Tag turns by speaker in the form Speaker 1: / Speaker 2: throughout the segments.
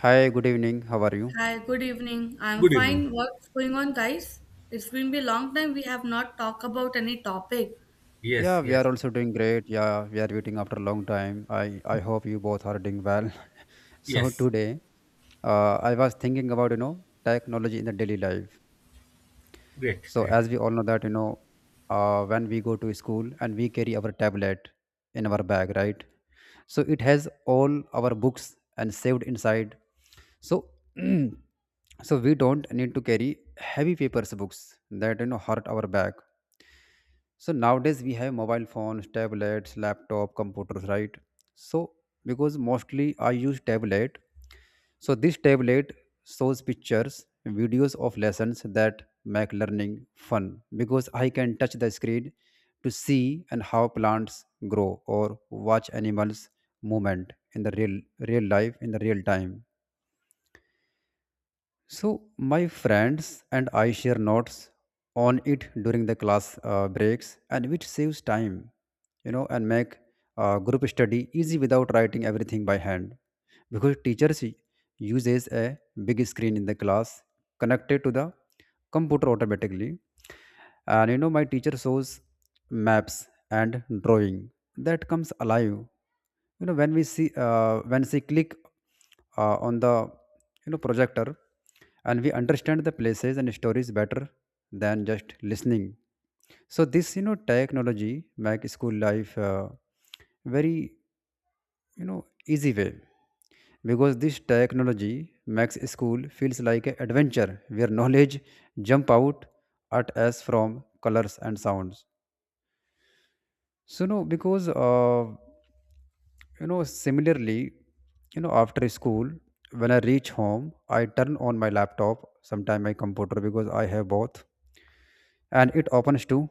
Speaker 1: Hi, good evening. How are you?
Speaker 2: Hi, good evening. I'm
Speaker 3: Good evening.
Speaker 2: fine. What's going on, guys? It's been a long time we have not talked about any topic.
Speaker 3: Yes,
Speaker 1: Yeah, we are
Speaker 3: yes,
Speaker 1: also doing great. Yeah, we are waiting after a long time. I hope you both are doing well. So
Speaker 3: yes.
Speaker 1: today, I was thinking about you know technology in the daily life.
Speaker 3: Great,
Speaker 1: So
Speaker 3: great.
Speaker 1: as we all know that you know, when we go to school and we carry our tablet in our bag, right? So it has all our books and saved inside. So so we don't need to carry heavy papers books that you know hurt our back. So nowadays we have mobile phones, tablets, laptop, computers, right? So because mostly I use tablet. So this tablet shows pictures, videos of lessons that make learning fun because I can touch the screen to see and how plants grow or watch animals movement in the real life in the real time. So my friends and I share notes on it during the class breaks, and which saves time, you know, and make group study easy without writing everything by hand, because teachers uses a big screen in the class connected to the computer automatically, and you know my teacher shows maps and drawing that comes alive you know when we see when she click on the you know projector, and we understand the places and stories better than just listening. So this you know technology make school life very you know easy way, because this technology makes school feels like an adventure where knowledge jump out at us from colors and sounds. So no, because you know, similarly, you know, after school, when I reach home, I turn on my laptop, sometime my computer because I have both, and it opens to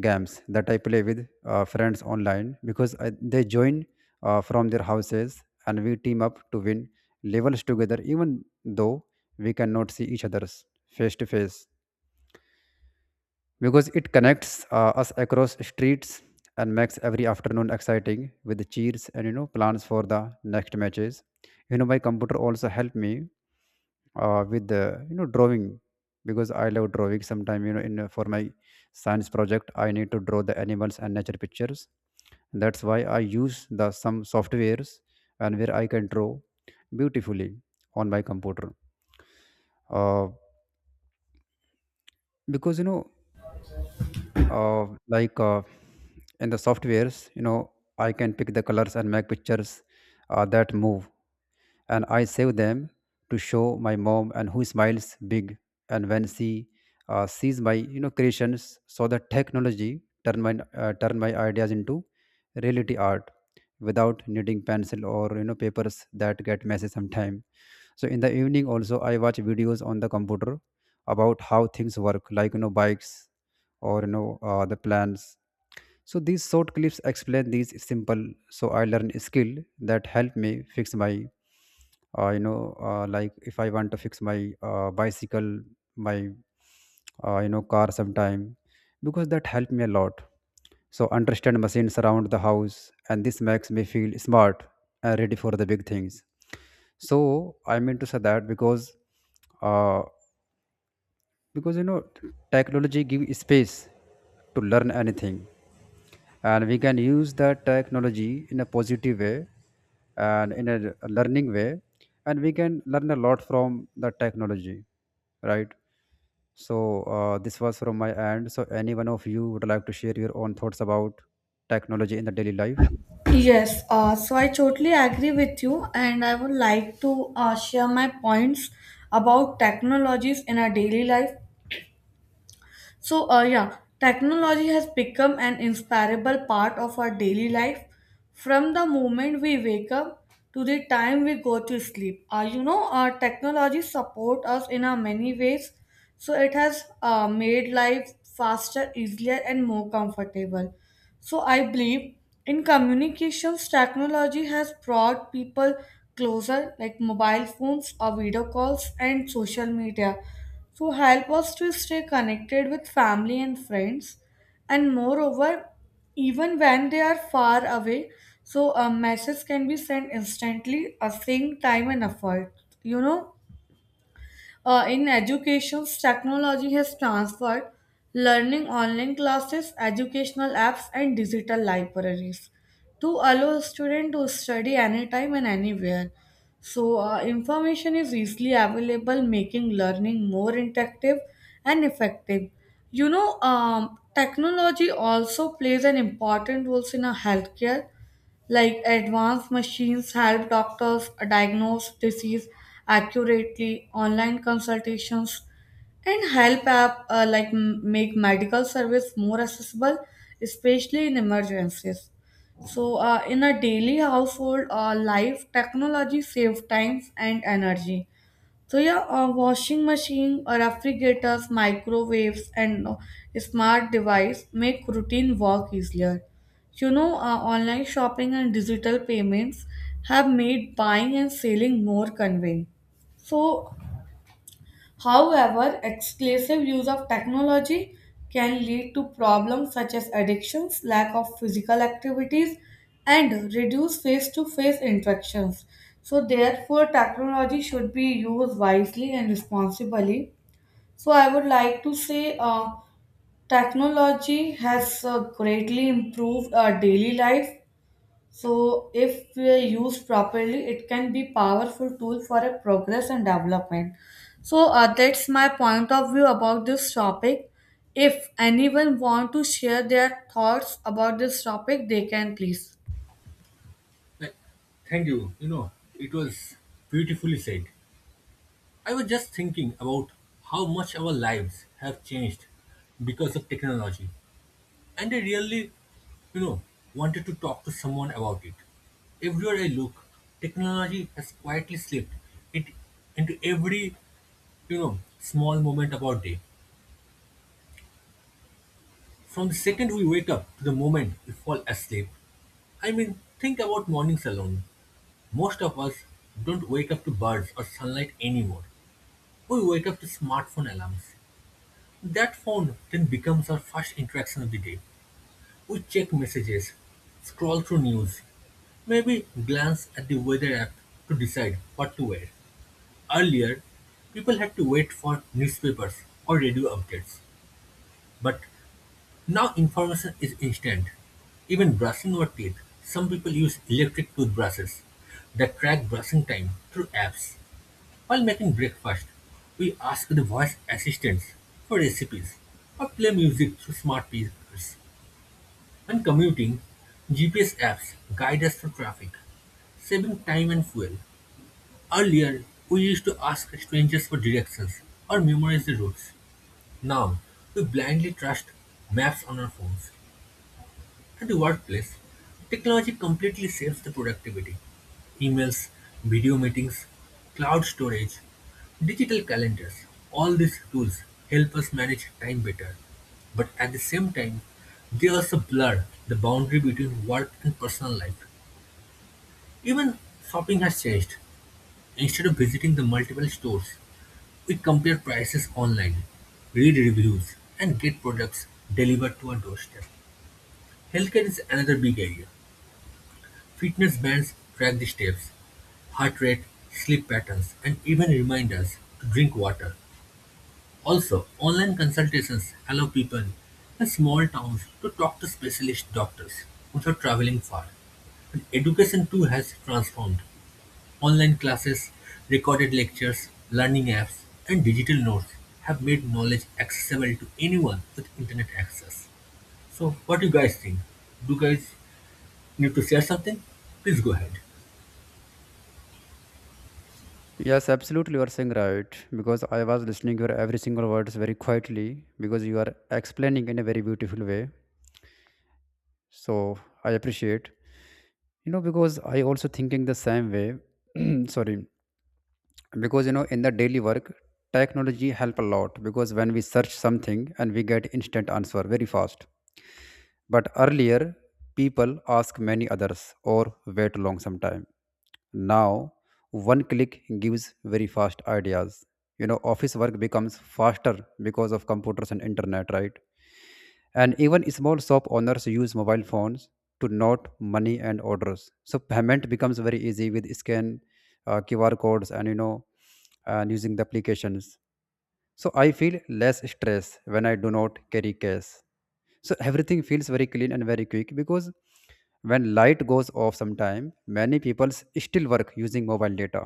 Speaker 1: games that I play with friends online because I, they join from their houses and we team up to win levels together, even though we cannot see each other's face to face, because it connects us across streets and makes every afternoon exciting with the cheers and you know plans for the next matches. You know my computer also helped me with the you know drawing because I love drawing sometime you know in for my science project I need to draw the animals and nature pictures. That's why I use the some softwares and where I can draw beautifully on my computer, uh, because you know uh, like uh, in the softwares you know I can pick the colors and make pictures that move, and I save them to show my mom and who smiles big, and when she sees my you know creations. So the technology turn my ideas into reality art without needing pencil or you know papers that get messy sometime. So in the evening also I watch videos on the computer about how things work like you know bikes or you know the plants. So these short clips explain these simple. So I learn skill that help me fix my, like if I want to fix my bicycle, my, you know, car sometime, because that helped me a lot. So understand machines around the house, and this makes me feel smart and ready for the big things. So I mean to say that because. Uh, because you know technology gives space to learn anything, and we can use that technology in a positive way and in a learning way, and we can learn a lot from the technology, right? So this was from my end. So any one of you would like to share your own thoughts about technology in the daily life?
Speaker 2: Yes, so I totally agree with you, and I would like to share my points about technologies in our daily life. So, yeah, technology has become an inseparable part of our daily life from the moment we wake up to the time we go to sleep. Technology support us in many ways. So it has made life faster, easier, and more comfortable. So I believe in communications, technology has brought people closer, like mobile phones or video calls and social media so help us to stay connected with family and friends, and moreover even when they are far away, so a message can be sent instantly a same time and effort. you know in education, technology has transferred learning, online classes, educational apps, and digital libraries to allow students to study anytime and anywhere. So, information is easily available, making learning more interactive and effective. Technology also plays an important role in our healthcare, like advanced machines help doctors diagnose disease accurately, online consultations, and help app make medical service more accessible, especially in emergencies. So, in a daily household life, technology saves time and energy. So yeah, a washing machine, a refrigerators, microwaves, and smart device make routine work easier. You know, online shopping and digital payments have made buying and selling more convenient. So however, exclusive use of technology can lead to problems such as addictions, lack of physical activities, and reduced face to face interactions. So, therefore, technology should be used wisely and responsibly. So, I would like to say technology has greatly improved our daily life, so if we are used properly, it can be powerful tool for a progress and development. So that's my point of view about this topic. If anyone want to share their thoughts about this topic, they can please.
Speaker 3: Th- Thank you. You know, it was beautifully said. I was just thinking about how much our lives have changed because of technology. And I really, you know, wanted to talk to someone about it. Everywhere I look, technology has quietly slipped it into every, small moment of our day. From the second we wake up to the moment we fall asleep. I mean, think about mornings alone. Most of us don't wake up to birds or sunlight anymore. We wake up to smartphone alarms. That phone then becomes our first interaction of the day. We check messages, scroll through news, maybe glance at the weather app to decide what to wear. Earlier, people had to wait for newspapers or radio updates, but now information is instant. Even brushing your teeth, some people use electric toothbrushes that track brushing time through apps. While making breakfast, we ask the voice assistants for recipes or play music through smart speakers. When commuting, GPS apps guide us through traffic, saving time and fuel. Earlier, we used to ask strangers for directions or memorize the routes. Now, we blindly trust maps on our phones. At the workplace, technology completely saves the productivity. Emails, video meetings, cloud storage, digital calendars, all these tools help us manage time better. But at the same time, they also blur the boundary between work and personal life. Even shopping has changed. Instead of visiting the multiple stores, we compare prices online, read reviews, and get products delivered to our doorstep. Healthcare is another big area. Fitness bands track the steps, heart rate, sleep patterns, and even remind us to drink water. Also, online consultations allow people in small towns to talk to specialist doctors without traveling far. And education too has transformed. Online classes, recorded lectures, learning apps, and digital notes have made knowledge accessible to anyone with internet access. So, what do you guys think? Do you guys need to share something? Please go ahead.
Speaker 1: Yes, absolutely, you are saying right because I was listening your every single words very quietly, because you are explaining in a very beautiful way. So I appreciate, you know, because I also thinking the same way. Sorry. Because you know in the daily work technology help a lot, because when we search something and we get instant answer very fast, but earlier people ask many others or wait long some time. Now one click gives very fast ideas. You know office work becomes faster because of computers and internet, right? And even small shop owners use mobile phones to note money and orders, so payment becomes very easy with scan QR codes, and you know and using the applications. So I feel less stress when I do not carry cash. So everything feels very clean and very quick because when light goes off sometime many people still work using mobile data.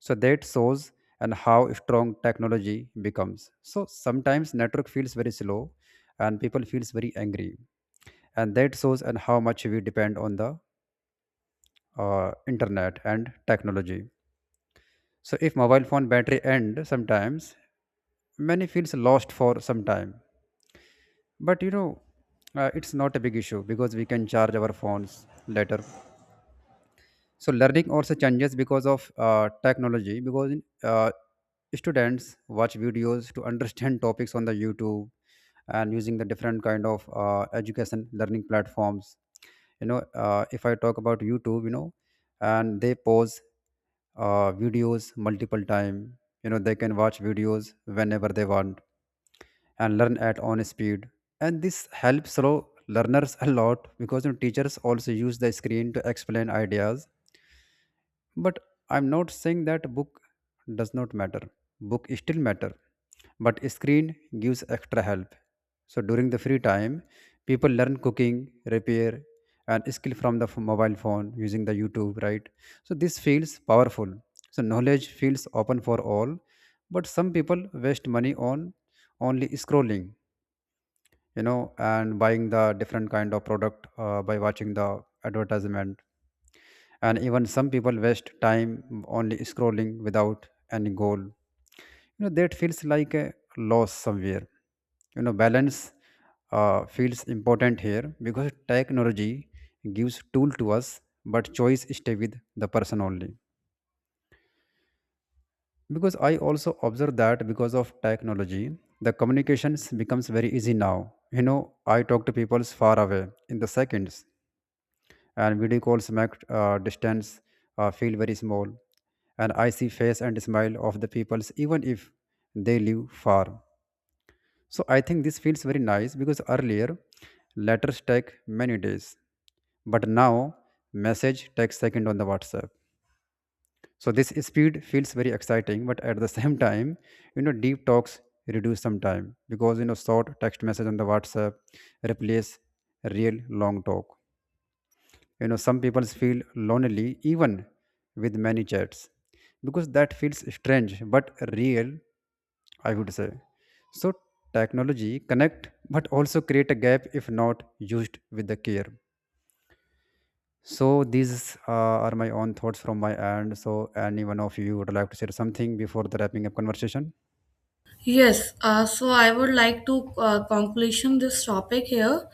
Speaker 1: So that shows and how strong technology becomes. So sometimes network feels very slow and people feels very angry. And that shows and how much we depend on the internet and technology. So if mobile phone battery end sometimes, many feels lost for some time. But you know, it's not a big issue because we can charge our phones later. So learning also changes because of technology, because uh, students watch videos to understand topics on the YouTube and using the different kind of education learning platforms. You know if I talk about YouTube you know, and they pause videos multiple time, you know they can watch videos whenever they want and learn at own speed, and this helps slow learners a lot, because you know, teachers also use the screen to explain ideas. But I'm not saying that book does not matter. Book still matter, but screen gives extra help. So during the free time, people learn cooking, repair, and skill from the mobile phone using the YouTube, right? So this feels powerful. So knowledge feels open for all, but some people waste money on only scrolling, you know, and buying the different kind of product by watching the advertisement, and even some people waste time only scrolling without any goal. You know that feels like a loss somewhere. You know balance feels important here, because technology gives tool to us but choice stay with the person only. Because I also observe that because of technology the communications becomes very easy now. You know I talk to people far away in the seconds, and video calls make distance feel very small, and I see face and smile of the peoples even if they live far. So I think this feels very nice, because earlier letters take many days, but now message takes second on the WhatsApp. So this speed feels very exciting, but at the same time you know deep talks reduce some time, because you know short text message on the WhatsApp replace real long talk. You know some people feel lonely even with many chats, because that feels strange but real, I would say. So technology connect but also create a gap if not used with the care. So these are my own thoughts from my end. So any one of you would like to share something before the wrapping up conversation?
Speaker 2: Yes, so I would like to conclusion this topic here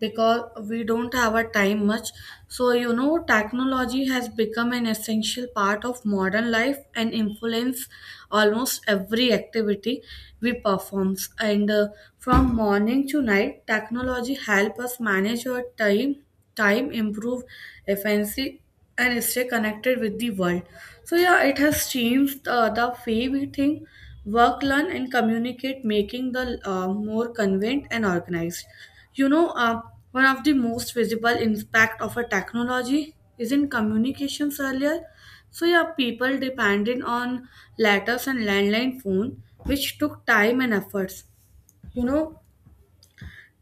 Speaker 2: because we don't have a time much. So you know, technology has become an essential part of modern life and influence almost every activity we performs. And from morning to night, technology help us manage our time, time improve efficiency and stay connected with the world. So yeah, it has changed the way we think, work, learn, and communicate, making the more convenient and organized. You know, uh, One of the most visible impact of a technology is in communications earlier. So yeah, people depended on letters and landline phone, which took time and efforts. You know,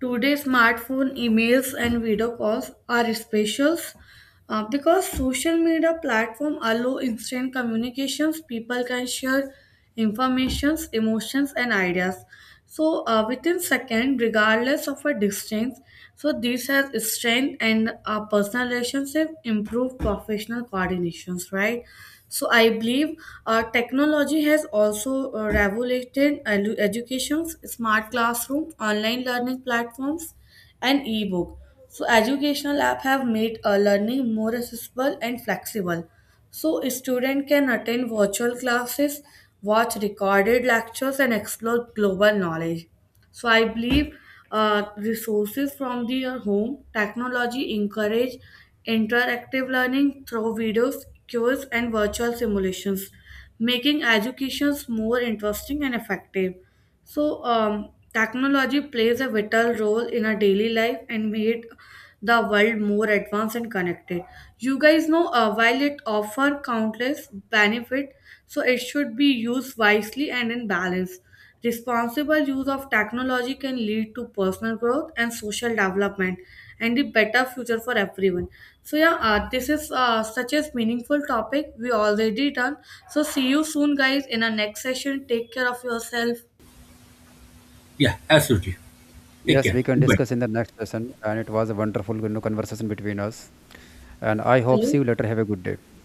Speaker 2: today smartphone emails and video calls are specials because social media platform allow instant communications, people can share informations, emotions, and ideas. So within second, regardless of a distance. So this has strength and personal relationship, improve professional coordinations, right? So I believe technology has also revolutionized educations, smart classroom, online learning platforms and e-book. So educational app have made learning more accessible and flexible. So a student can attend virtual classes, watch recorded lectures and explore global knowledge. So I believe resources from their home, technology encourage interactive learning through videos, quizzes, and virtual simulations, making educations more interesting and effective. So, technology plays a vital role in our daily life and made the world more advanced and connected. You guys know, while it offers countless benefit, so it should be used wisely and in balance. Responsible use of technology can lead to personal growth and social development and a better future for everyone. So, yeah, this is such a meaningful topic we already done. So, see you soon, guys, in our next session. Take care of yourself.
Speaker 3: Yeah, absolutely. Take
Speaker 1: Yes,
Speaker 3: care.
Speaker 1: we can
Speaker 3: Goodbye.
Speaker 1: discuss in the next session, and it was a wonderful you know, conversation between us, and I hope see you
Speaker 2: Hello.
Speaker 1: later. Have a good day.